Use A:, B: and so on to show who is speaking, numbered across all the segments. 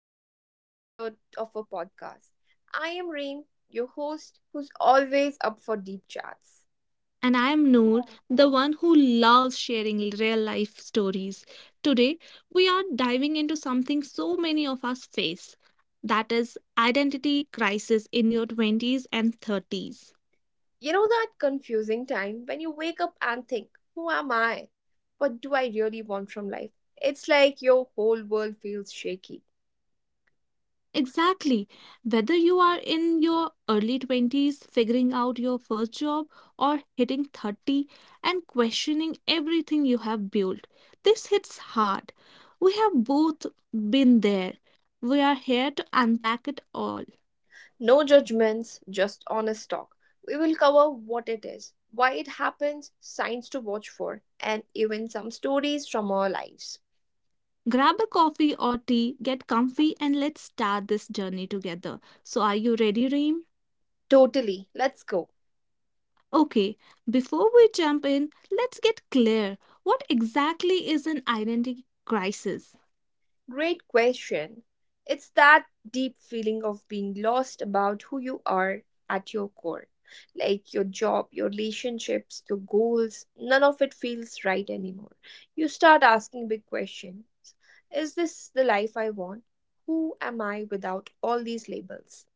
A: a brand new episode of our podcast. I am Reem, your host, who's always up for deep chats.
B: And I am Noor, the one who loves sharing real life stories. Today, we are diving into something so many of us face that is, identity crisis in your 20s and 30s.
A: You know that confusing time when you wake up and think, who am I? What do I really want from life? It's like your whole world feels shaky.
B: Exactly. Whether you are in your early 20s, figuring out your first job, or hitting 30 and questioning everything you have built, this hits hard. We have both been there. We are here to unpack it all.
A: No judgments, just honest talk. We will cover what it is, why it happens, signs to watch for, and even some stories from our lives.
B: Grab a coffee or tea, get comfy, and let's start this journey together. So, are you ready, Reem?
A: Totally. Let's go.
B: Okay, before we jump in, let's get clear. What exactly is an identity crisis?
A: Great question. It's that deep feeling of being lost about who you are at your core. Like your job, your relationships, your goals, none of it feels right anymore. You start asking big questions. Is this the life I want? Who am I without all these labels?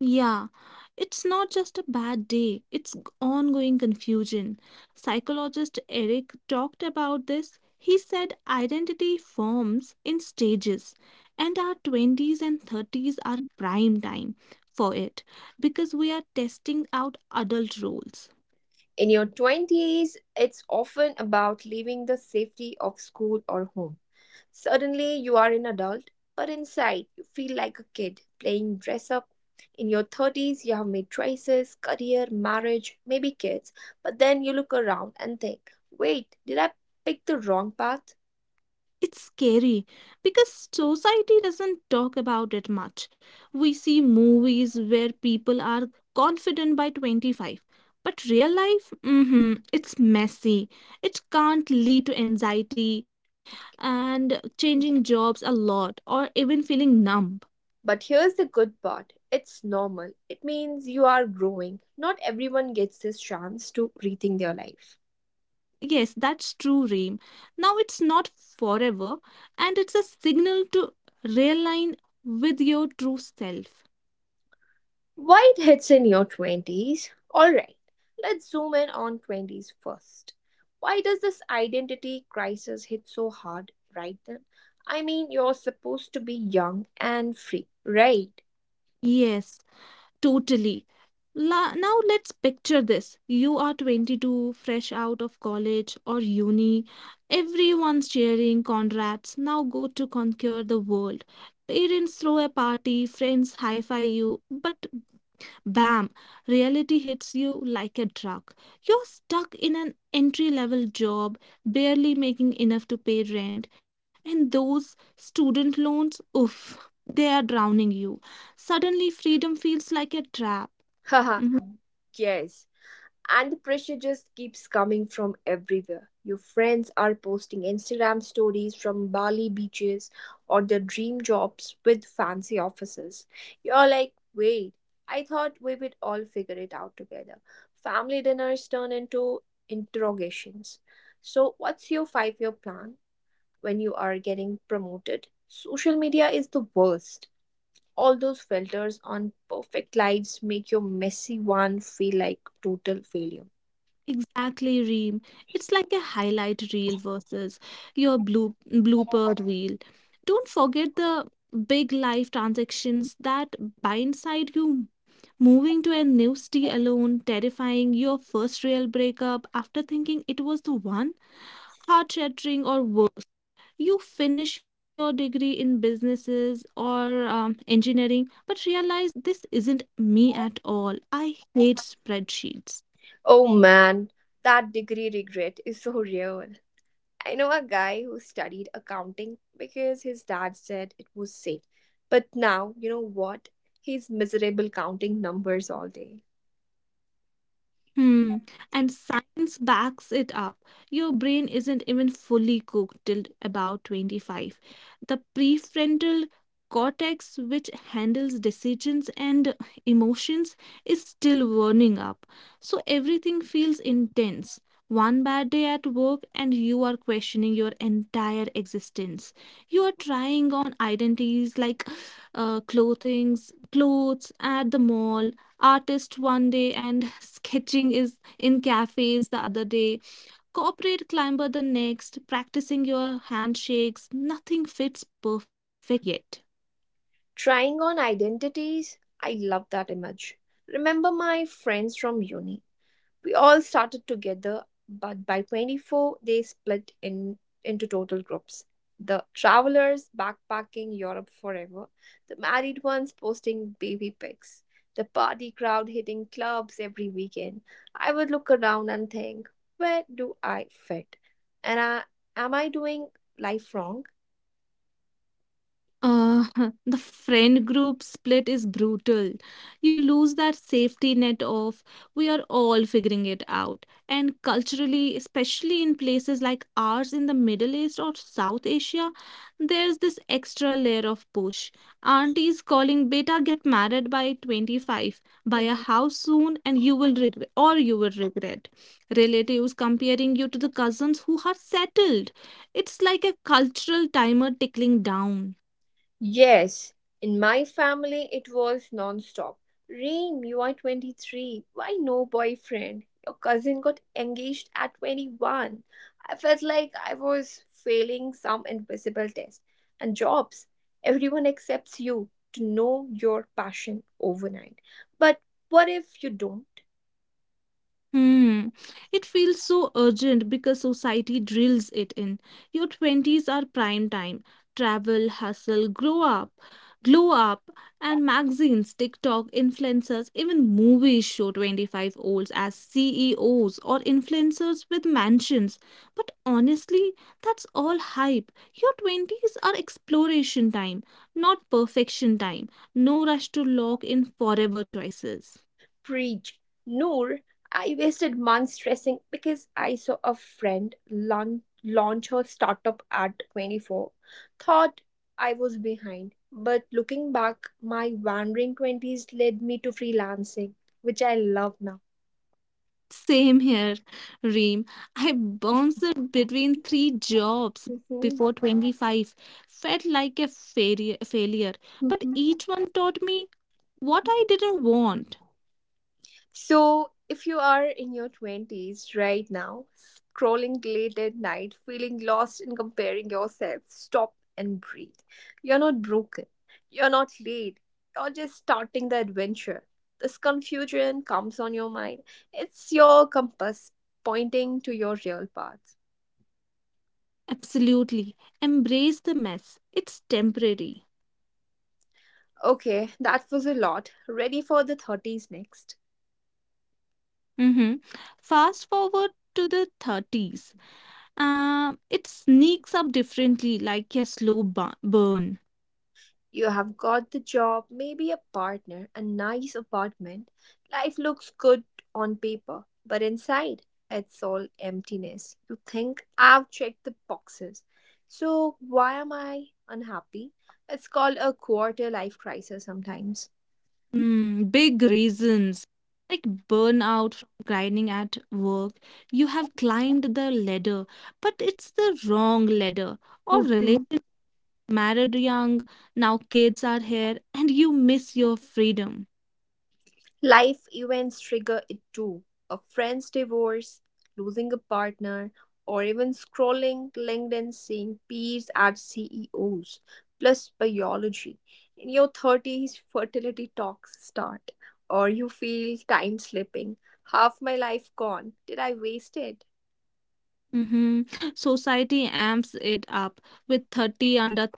B: Yeah, it's not just a bad day, it's ongoing confusion. Psychologist Eric talked about this. He said identity forms in stages, and our 20s and 30s are prime time for it because we are testing out adult roles.
A: In your 20s, it's often about leaving the safety of school or home. Suddenly, you are an adult, but inside, you feel like a kid playing dress up. In your 30s, you have made choices, career, marriage, maybe kids, but then you look around and think, wait, did I pick the wrong path?
B: It's scary because society doesn't talk about it much. We see movies where people are confident by 25, but real life, it's messy. It can't lead to anxiety and changing jobs a lot or even feeling numb.
A: But here's the good part, it's normal. It means you are growing. Not everyone gets this chance to rethink their life.
B: Yes, that's true, Reem. Now it's not forever and it's a signal to realign with your true self.
A: White hits in your 20s. Alright, let's zoom in on 20s first. Why does this identity crisis hit so hard right then? I mean, you're supposed to be young and free, right?
B: Yes, totally. Now let's picture this. You are 22, fresh out of college or uni. Everyone's cheering, congrats. Now go to conquer the world. Parents throw a party, friends hi fi you, but bam! Reality hits you like a truck. You're stuck in an entry level job, barely making enough to pay rent, and those student loans, oof, they are drowning you. Suddenly, freedom feels like a trap.
A: Haha,
B: Mm-hmm.
A: yes. And the pressure just keeps coming from everywhere. Your friends are posting Instagram stories from Bali beaches or their dream jobs with fancy offices. You're like, wait, I thought we would all figure it out together. Family dinners turn into interrogations. So, what's your 5-year plan when you are getting promoted? Social media is the worst. All those filters on perfect lives make your messy one feel like total failure.
B: Exactly, Reem. It's like a highlight reel versus your blue blooper reel. Don't forget the big life transactions that blindside you. Moving to a new city alone, terrifying, your first real breakup after thinking it was the one, heart-shattering or worse. You finish your degree in businesses or engineering, but realize this isn't me at all. I hate spreadsheets.
A: Oh man, that degree regret is so real. I know a guy who studied accounting because his dad said it was safe. But now, you know what? He's miserable counting numbers all day.
B: Hmm. And science backs it up. Your brain isn't even fully cooked till about 25. The prefrontal cortex, which handles decisions and emotions, is still warming up. So everything feels intense. One bad day at work, and you are questioning your entire existence. You are trying on identities like clothes at the mall, artist one day and sketching is in cafes the other day, corporate climber the next, practicing your handshakes. Nothing fits perfectly yet.
A: Trying on identities, I love that image. Remember my friends from uni? We all started together, but by 24, they split into total groups. The travelers backpacking Europe forever, the married ones posting baby pics, the party crowd hitting clubs every weekend. I would look around and think, where do I fit? And I, am I doing life wrong?
B: Uh, the friend group split is brutal. You lose that safety net of we are all figuring it out. And culturally, especially in places like ours in the Middle East or South Asia, there's this extra layer of push. Aunties calling beta get married by 25, buy
A: Uh
B: a
A: huh.
B: house soon, and you will regret, or you will regret. Relatives comparing you to the cousins who are settled. It's like a cultural timer tickling down.
A: Yes, in my family it was non-stop. Reem, you are 23. Why no boyfriend? Your cousin got engaged at 21. I felt like I was failing some invisible test. And jobs, everyone accepts you to know your passion overnight. But what if you don't?
B: Hmm. It feels so urgent because society drills it in. Your 20s are prime time. Travel, hustle, grow up, glow up, and magazines, TikTok, influencers, even movies show 25 olds as CEOs or influencers with mansions. But honestly, that's all hype. Your 20s are exploration time, not perfection time. No rush to lock in forever choices.
A: Preach. Noor, I wasted months stressing because I saw a friend launch her startup at 24. Thought I was behind. But looking back, my wandering 20s led me to freelancing, which I love now.
B: Same here, Reem. I bounced between three jobs
A: Mhm.
B: before 25. Felt like a failure, but
A: Mhm.
B: each one taught me what I didn't want.
A: So, if you are in your 20s right now, scrolling late at night, feeling lost and comparing yourself, stop and breathe. You're not broken. You're not late. You're just starting the adventure. This confusion comes on your mind. It's your compass pointing to your real path.
B: Absolutely. Embrace the mess. It's temporary.
A: Okay, that was a lot. Ready for the 30s next.
B: Mhm. Fast forward to the 30s. It sneaks up differently, like a slow burn.
A: You have got the job, maybe a partner, a nice apartment. Life looks good on paper, but inside, it's all emptiness. You think, I've checked the boxes. So, why am I unhappy? It's called a quarter life crisis sometimes.
B: Big reasons. Like burnout from grinding at work. You have climbed the ladder, but it's the wrong ladder. Or relationship married young, now kids are here, and you miss your freedom.
A: Life events trigger it too. A friend's divorce, losing a partner, or even scrolling LinkedIn seeing peers at CEOs, plus biology. In your 30s, fertility talks start, or you feel time slipping. Half my life gone. Did I waste it?
B: hmm Society amps it up with 30 under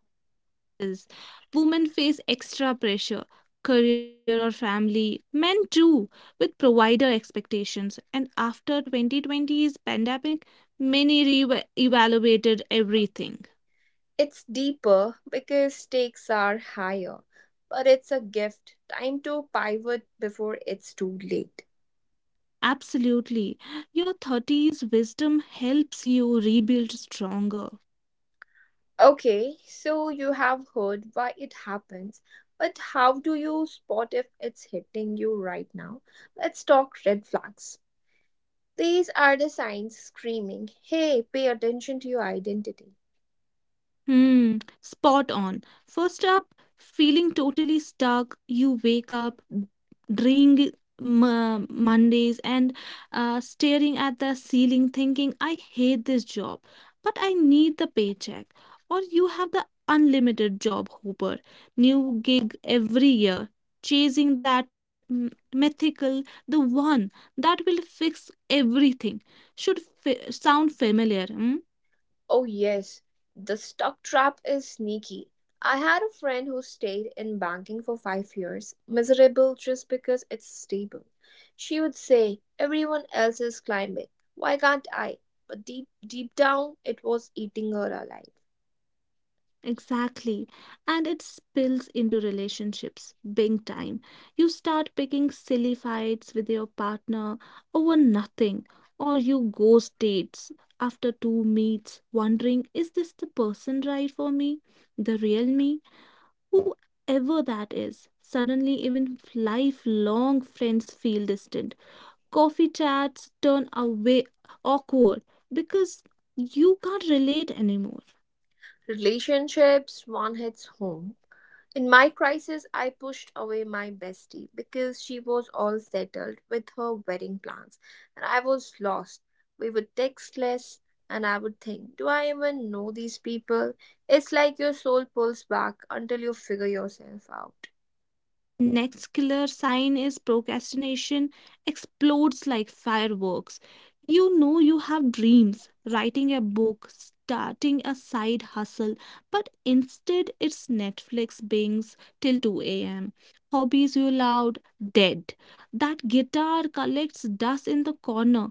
B: 30s. Women face extra pressure, career or family. Men too, with provider expectations. And after 2020's pandemic, many re-evaluated everything.
A: It's deeper because stakes are higher, but it's a gift. Time to pivot before it's too late.
B: Absolutely. Your 30s wisdom helps you rebuild stronger.
A: Okay, so you have heard why it happens, but how do you spot if it's hitting you right now? Let's talk red flags. These are the signs screaming, hey, pay attention to your identity.
B: Hmm, Spot on. First up, feeling totally stuck, you wake up dreeing Mondays and staring at the ceiling thinking, I hate this job, but I need the paycheck. Or you have the unlimited job hooper, new gig every year, chasing that mythical, the one that will fix everything. Should sound familiar. Hmm?
A: Oh, yes, the stock trap is sneaky. I had a friend who stayed in banking for 5 years, miserable just because it's stable. She would say, everyone else is climbing. Why can't I? But deep, deep down, it was eating her alive.
B: Exactly. And it spills into relationships big time. You start picking silly fights with your partner over nothing, or you ghost dates after two meets, wondering, is this the person right for me? The real me? Whoever that is. Suddenly, even lifelong friends feel distant. Coffee chats turn away awkward because you can't relate anymore.
A: Relationships, one hits home. In my crisis, I pushed away my bestie because she was all settled with her wedding plans and I was lost. We would text less and I would think, do I even know these people? It's like your soul pulls back until you figure yourself out.
C: Next killer sign is procrastination explodes like fireworks. You know you have dreams, writing a book, starting a side hustle, but instead it's Netflix bings till 2 a.m. Hobbies you loved, dead. That guitar collects dust in the corner,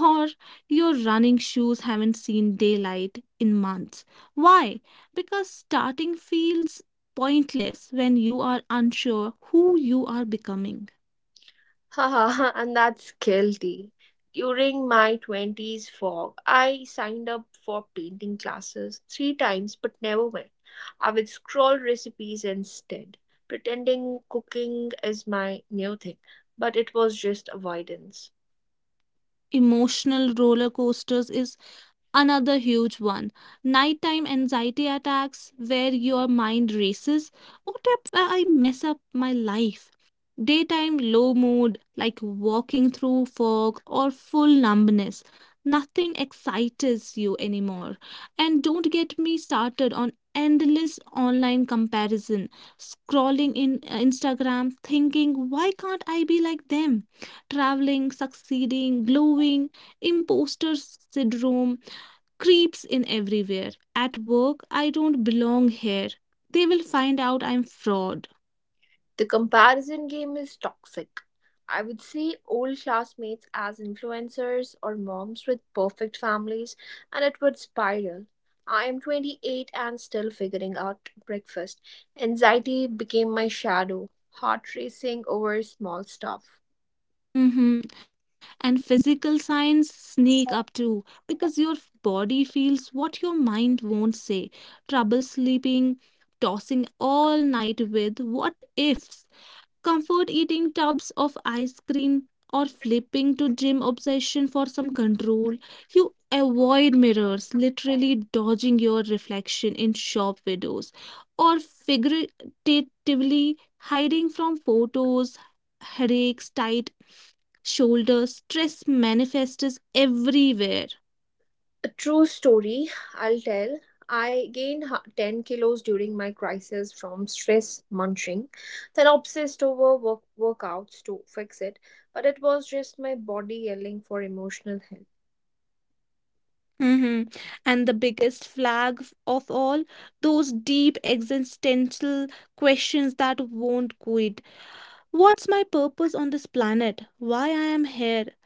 C: or your running shoes haven't seen daylight in months. Why? Because starting feels pointless when you are unsure who you are becoming.
A: Haha, and that's guilty. During my 20s fog, I signed up for painting classes three times but never went. I would scroll recipes instead, pretending cooking is my new thing, but it was just avoidance.
C: Emotional roller coasters is another huge one, nighttime anxiety attacks where your mind races, what if I mess up my life? Daytime low mood, like walking through fog or full numbness, nothing excites you anymore. And don't get me started on endless online comparison, scrolling in Instagram, thinking why can't I be like them, traveling, succeeding, glowing. Imposter syndrome creeps in everywhere. At work, I don't belong here. They will find out I'm fraud.
A: The comparison game is toxic. I would see old classmates as influencers or moms with perfect families, and it would spiral. I am 28 and still figuring out breakfast. Anxiety became my shadow, heart racing over small stuff.
C: Hmm. And physical signs sneak up too, because your body feels what your mind won't say. Trouble sleeping, tossing all night with what ifs. Comfort eating tubs of ice cream, or flipping to gym obsession for some control. You avoid mirrors, literally dodging your reflection in shop windows, or figuratively hiding from photos. Headaches, tight shoulders, stress manifests everywhere.
A: A true story I'll tell. I gained 10 kilos during my crisis from stress munching, then obsessed over workouts to fix it. But it was just my body yelling for emotional help.
C: Mhm. And the biggest flag of all, those deep existential questions that won't quit. What's my purpose on this planet? Why I am here?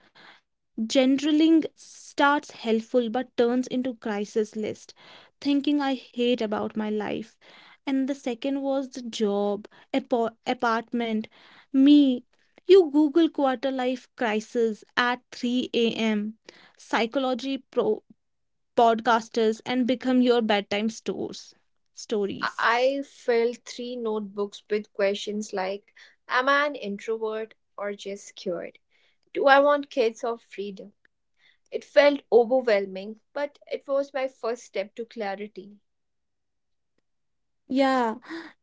C: Generaling starts helpful but turns into crisis list, thinking I hate about my life. And the second was the job, apartment, me. You Google quarter life crisis at 3 a.m. Psychology podcasters and become your bedtime stores stories.
A: I filled three notebooks with questions like, am I an introvert or just scared? Do I want kids or freedom? It felt overwhelming, but it was my first step to clarity.
C: Yeah,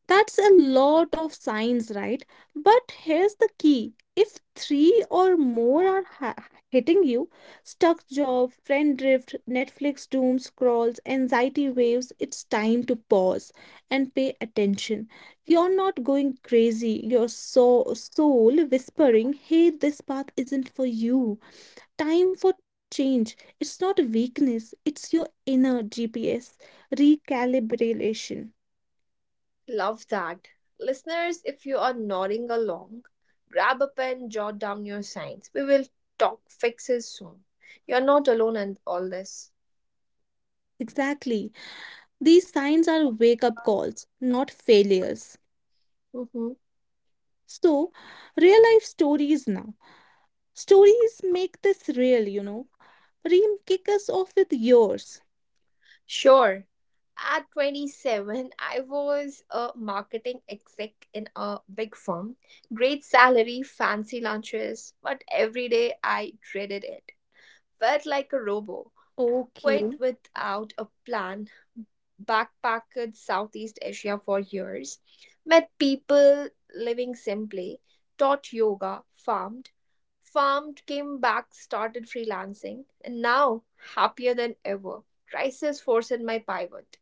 C: that's a lot of signs, right? But here's the key. If three or more are ha hitting you, stuck job, friend drift, Netflix doom scrolls, anxiety waves, it's time to pause and pay attention. You're not going crazy. Your soul whispering, hey, this path isn't for you. Time for change. It's not weakness, it's your inner GPS recalibration.
A: Love that. Listeners, if you are nodding along, grab a pen, jot down your signs. We will talk fixes soon. You're not alone in all this.
C: Exactly. These signs are wake up calls, not failures.
A: Mhm.
C: So, real life stories now. Stories make this real, you know. Reem, kick us off with yours.
A: Sure. At 27, I was a marketing exec in a big firm. Great salary, fancy lunches, but every day I dreaded it. Felt like a robo
C: Okay.
A: quit without a plan, backpacked Southeast Asia for years, met people living simply, taught yoga, farmed, came back, started freelancing, and now happier than ever. Crisis forced my pivot.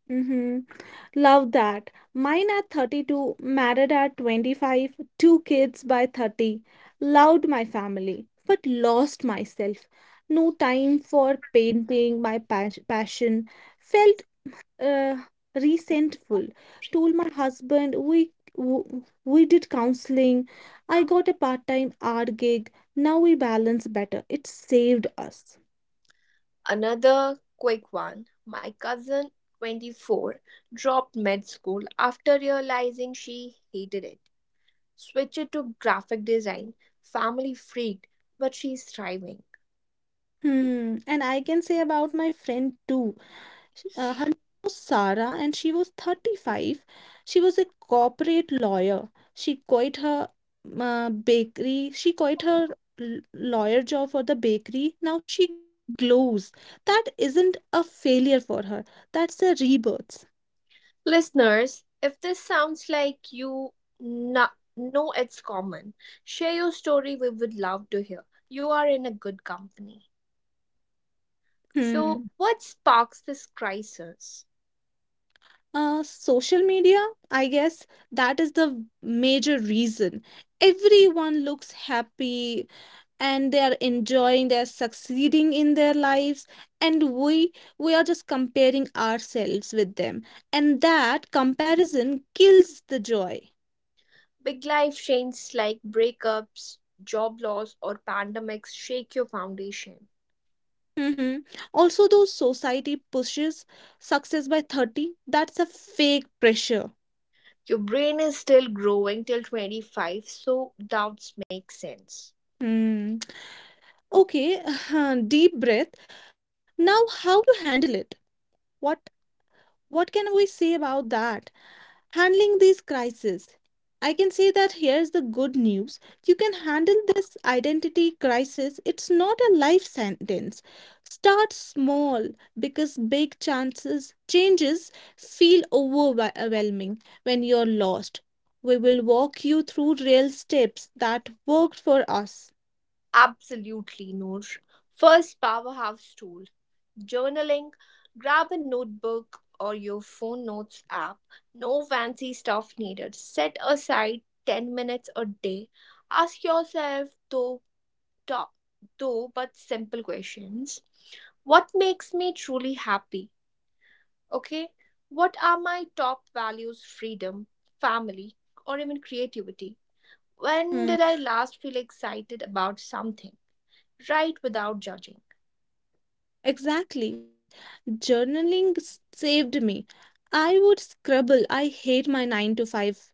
C: Mm-hmm. Love that. Mine at 32, married at 25, two kids by 30. Loved my family, but lost myself. No time for painting my passion. Felt uh, resentful. Told my husband we we did counseling. I got a part-time art gig. Now we balance better. It saved us.
A: Another quick one. My cousin, 24, dropped med school after realizing she hated it. Switched to graphic design, family freaked, but she's thriving.
C: Hmm. And I can say about my friend too. Her name was Sarah and she was 35. She was a corporate lawyer. She quit her bakery. She quit her lawyer job for the bakery. Now she glows. That isn't a failure for her. That's a rebirth.
A: Listeners, if this sounds like you no- know it's common, share your story. We would love to hear. You are in a good company. So,
C: Hmm.
A: what sparks this crisis?
C: Social media, I guess that is the major reason. Everyone looks happy, and they are succeeding in their lives, and we are just comparing ourselves with them, and that comparison kills the joy.
A: Big life changes like breakups, job loss, or pandemics shake your foundation.
C: Mhm. Also though, society pushes success by 30. That's a fake pressure.
A: Your brain is still growing till 25, so doubts make sense.
C: Hmm. Okay. Deep breath, now how to handle it. what What can we say about that? Handling these crises. I can say that here's the good news. You can handle this identity crisis. It's not a life sentence. Start small, because big chances changes feel overwhelming when you're lost. We will walk you through real steps that worked for us.
A: Absolutely, Noor. First powerhouse tool, journaling. Grab a notebook or your phone notes app. No fancy stuff needed. Set aside 10 minutes a day. Ask yourself though, top, though but simple questions. What makes me truly happy? Okay, what are my top values? Freedom, family, or even creativity. When did I last feel excited about something? Right, without judging.
C: Exactly. Journaling saved me. I would scribble, I hate my 9 to 5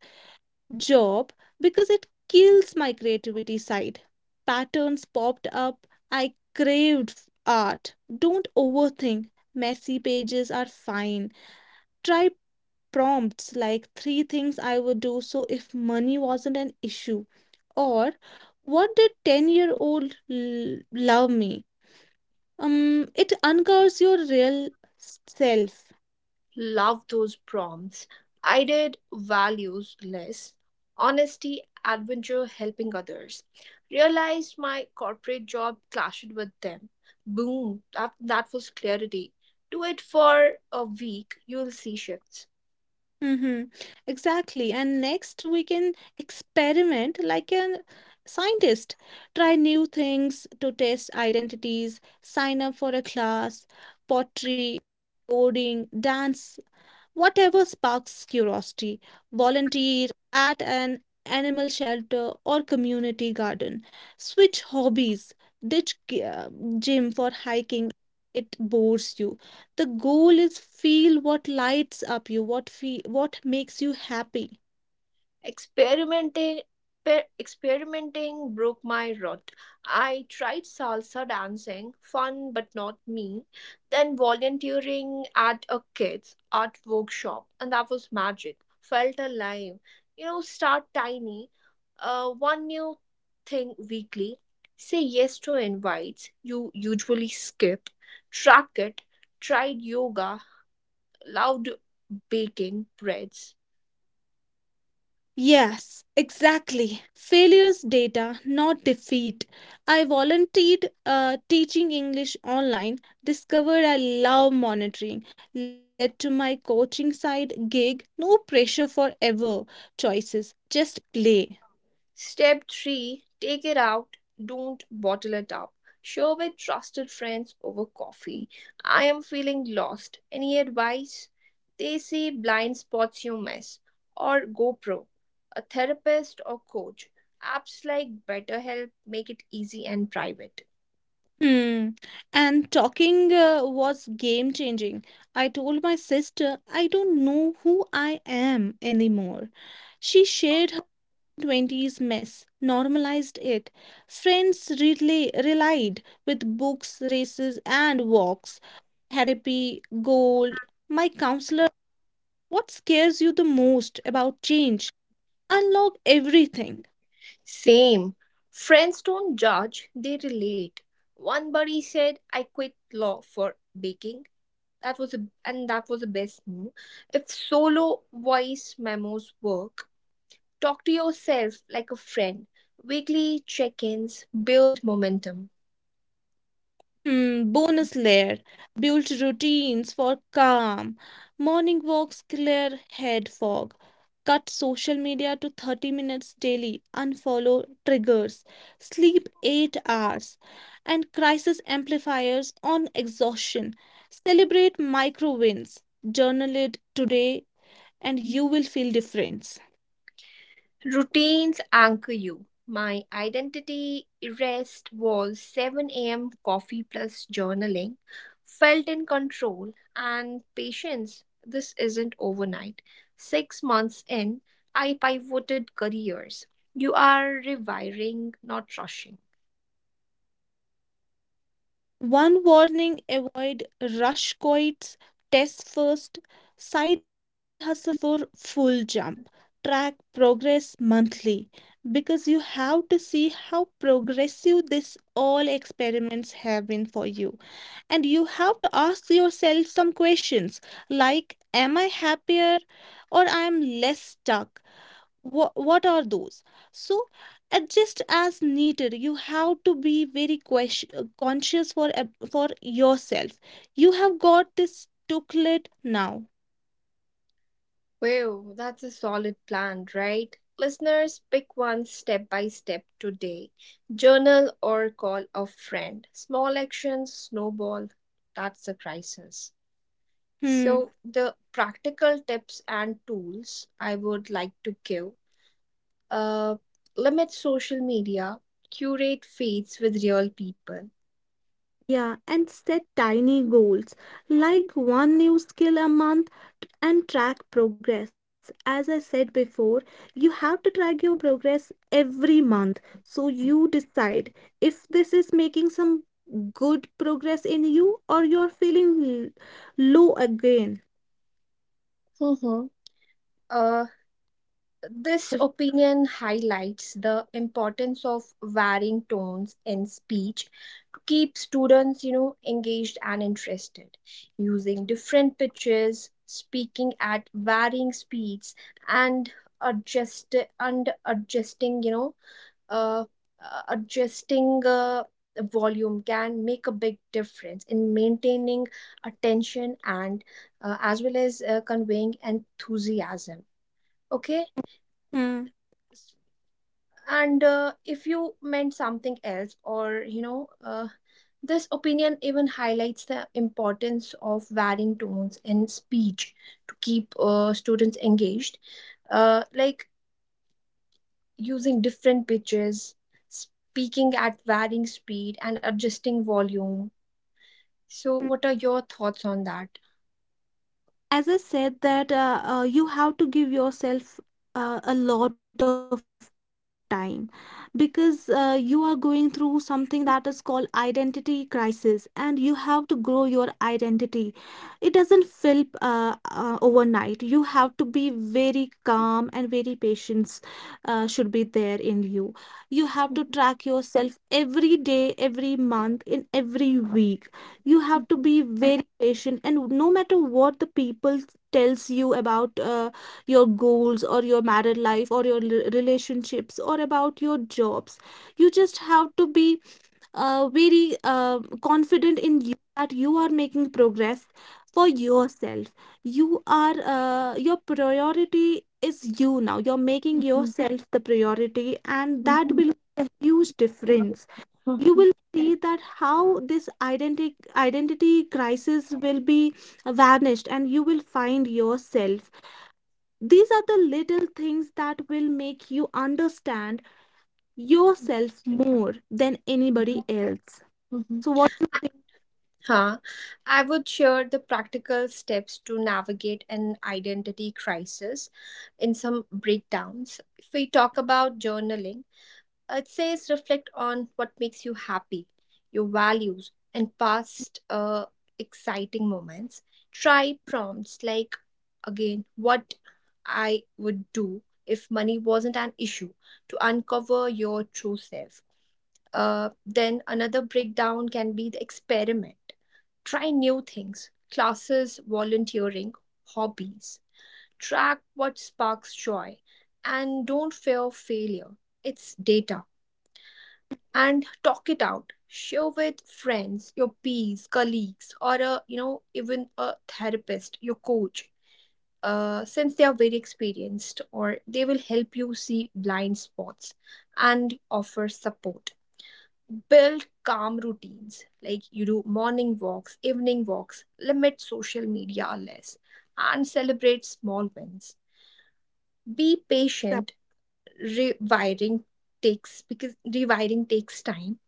C: job because it kills my creativity side. Patterns popped up. I craved art. Don't overthink. Messy pages are fine. Try prompts like three things I would do so if money wasn't an issue. Or what did 10-year-old love me? It uncovers your real self.
A: Love those prompts. I did values less. Honesty, adventure, helping others. Realized my corporate job clashed with them. Boom, that was clarity. Do it for a week, you'll see shifts.
C: Mm-hmm. Exactly. And next, we can experiment like a scientist. Try new things to test identities, sign up for a class, pottery, coding, dance. Whatever sparks curiosity, volunteer at an animal shelter or community garden, switch hobbies, ditch gym for hiking. It bores you. The goal is feel what lights up you, what makes you happy.
A: Experimenting experimenting broke my rut. I tried salsa dancing, fun but not me, then volunteering at a kids art workshop, and that was magic. Felt alive. You know, start tiny. One new thing weekly. Say yes to invites you usually skip. Track it. Tried yoga, loved baking breads.
C: Yes, exactly. Failures data, not defeat. I volunteered teaching English online, discovered I love monitoring, led to my coaching side gig. No pressure for ever choices, just play.
A: Step 3, take it out, don't bottle it up. Share with trusted friends over coffee. I am feeling lost. Any advice? They say blind spots you miss, or GoPro, a therapist or coach. Apps like BetterHelp make it easy and private.
C: Hmm. And talking was game changing. I told my sister I don't know who I am anymore. She shared 20s mess, normalized it. Friends really relied with books, races, and walks. Therapy, gold, my counselor. What scares you the most about change? Unlock everything.
A: Same. Friends don't judge, they relate. One buddy said, I quit law for baking. That was the best move. If solo voice memos work, talk to yourself like a friend. Weekly check-ins build momentum.
C: Hmm, bonus layer. Built routines for calm. Morning walks clear head fog. Cut social media to 30 minutes daily. Unfollow triggers. Sleep 8 hours. And crisis amplifiers on exhaustion. Celebrate micro wins. Journal it today and you will feel difference.
A: Routines anchor you. My identity rest was 7 a.m. coffee plus journaling. Felt in control, and patience. This isn't overnight. 6 months in, I pivoted careers. You are rewiring, not rushing.
C: One warning, avoid rush quits, test first, side hustle before full jump. Track progress monthly, because you have to see how progressive this all experiments have been for you. And you have to ask yourself some questions like am I happier or I am less stuck? What are those? So adjust as needed. You have to be very conscious for for yourself. You have got this tooklet now.
A: Wow, that's a solid plan, right? Listeners, pick one step by step today. Journal or call a friend. Small actions snowball. That's a crisis.
C: Hmm.
A: So, the practical tips and tools I would like to give, uh, limit social media, curate feeds with real people.
C: Yeah, and set tiny goals like one new skill a month and track progress. As I said before, you have to track your progress every month. So you decide if this is making some good progress in you or you're feeling low again.
A: Mm-hmm. This opinion highlights the importance of varying tones in speech to keep students, engaged and interested. Using different pitches, speaking at varying speeds, and adjustinguh, uh, adjusting uh, volume can make a big difference in maintaining attention, and as well as conveying enthusiasm. Okay,
C: Hmm.
A: and if you meant something else, or this opinion even highlights the importance of varying tones in speech to keep students engaged, like using different pitches, speaking at varying speed and adjusting volume. So, what are your thoughts on that?
C: As I said that, you have to give yourself a lot of time, because you are going through something that is called identity crisis, and you have to grow your identity. It doesn't fill overnight. You have to be very calm, and very patience should be there in you. You have to
A: Mhm,
C: track yourself every day, every month, in every week. You have to
A: mhm,
C: be very patient, and no matter what the people tells you about your goals or your married life or your relationships or about your jobs, you just have to be very confident in you that you are making progress for yourself. You are your priority is you now. You're making
A: mhm,
C: yourself the priority, and that
A: mhm,
C: will make a huge difference.
A: mhm,
C: You
A: mhm,
C: will see that how this identity crisis will be vanished, and you will find yourself. These are the little things that will make you understand yourself more than anybody else.
A: mhm, mhm.
C: So what do you think?
A: Huh. I would share the practical steps to navigate an identity crisis in some breakdowns. If we talk about journaling, it says reflect on what makes you happy, your values, and past exciting moments. Try prompts like, again, what I would do if money wasn't an issue, to uncover your true self. Then another breakdown can be the experiment. Try new things, classes, volunteering, hobbies. Track what sparks joy and don't fear failure. It's data. And talk it out. Share with friends, your peers, colleagues, or a, even a therapist, your coach. Since they are very experienced, or they will help you see blind spots and offer support. Build calm routines, like you do morning walks, evening walks, limit social media less, and celebrate small wins. Be
C: That
A: patient. Rewiring takes Because rewiring takes time,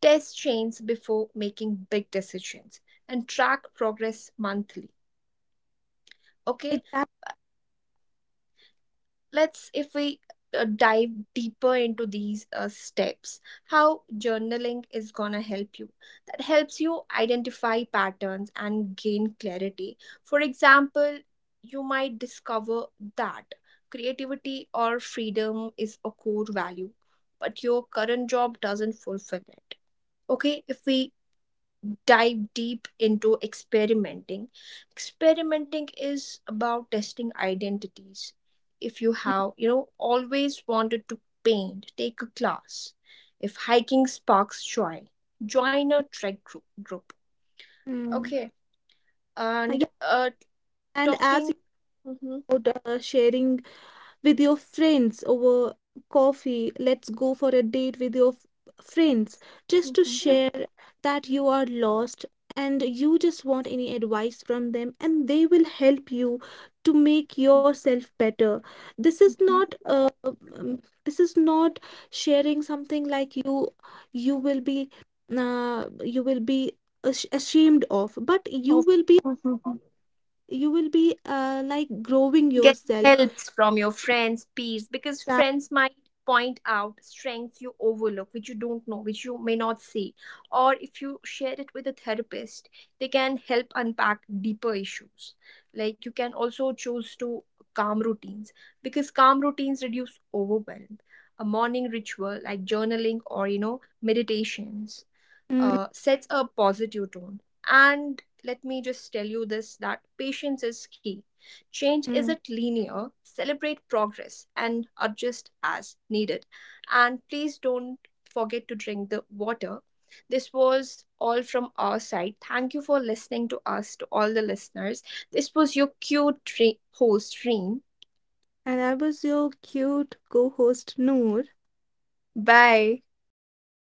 A: test change before making big decisions, and track progress monthly. Okay,
C: Exactly.
A: let's if we dive deeper into these steps. How journaling is going to help you, that helps you identify patterns and gain clarity. For example, you might discover that creativity or freedom is a core value, but your current job doesn't fulfill it. Okay, if we dive deep into experimenting. Experimenting is about testing identities. If you have, always wanted to paint, take a class. If hiking sparks joy, join a trek group.
C: Hmm.
A: Okay, and
C: Yeah, and
A: talking.
C: as you
A: Mhm,
C: were sharing with your friends over coffee. Let's go for a date with your friends, just to
A: mhm,
C: share that you are lost and you just want any advice from them, and they will help you to make
A: mhm,
C: yourself better.
A: mhm.
C: This is not sharing something like you you will be you will be ashamed of, but you will be,
A: Oh,
C: you will be like growing
A: getting
C: yourself.
A: helps from your friends, peers, because
C: That-
A: friends might point out strengths you overlook, which you don't know, which you may not see. Or if you share it with a therapist, they can help unpack deeper issues. Like, you can also choose to calm routines, because calm routines reduce overwhelm. A morning ritual like journaling, or meditations,
C: Mm,
A: sets a positive tone. And let me just tell you this, that patience is key. Change
C: mm.
A: isn't linear, celebrate progress and adjust as needed. And please don't forget to drink the water. This was all from our side. Thank you for listening to us, to all the listeners. This was your cute host, Reem.
C: And I was your cute co host, Noor.
A: Bye.
C: Bye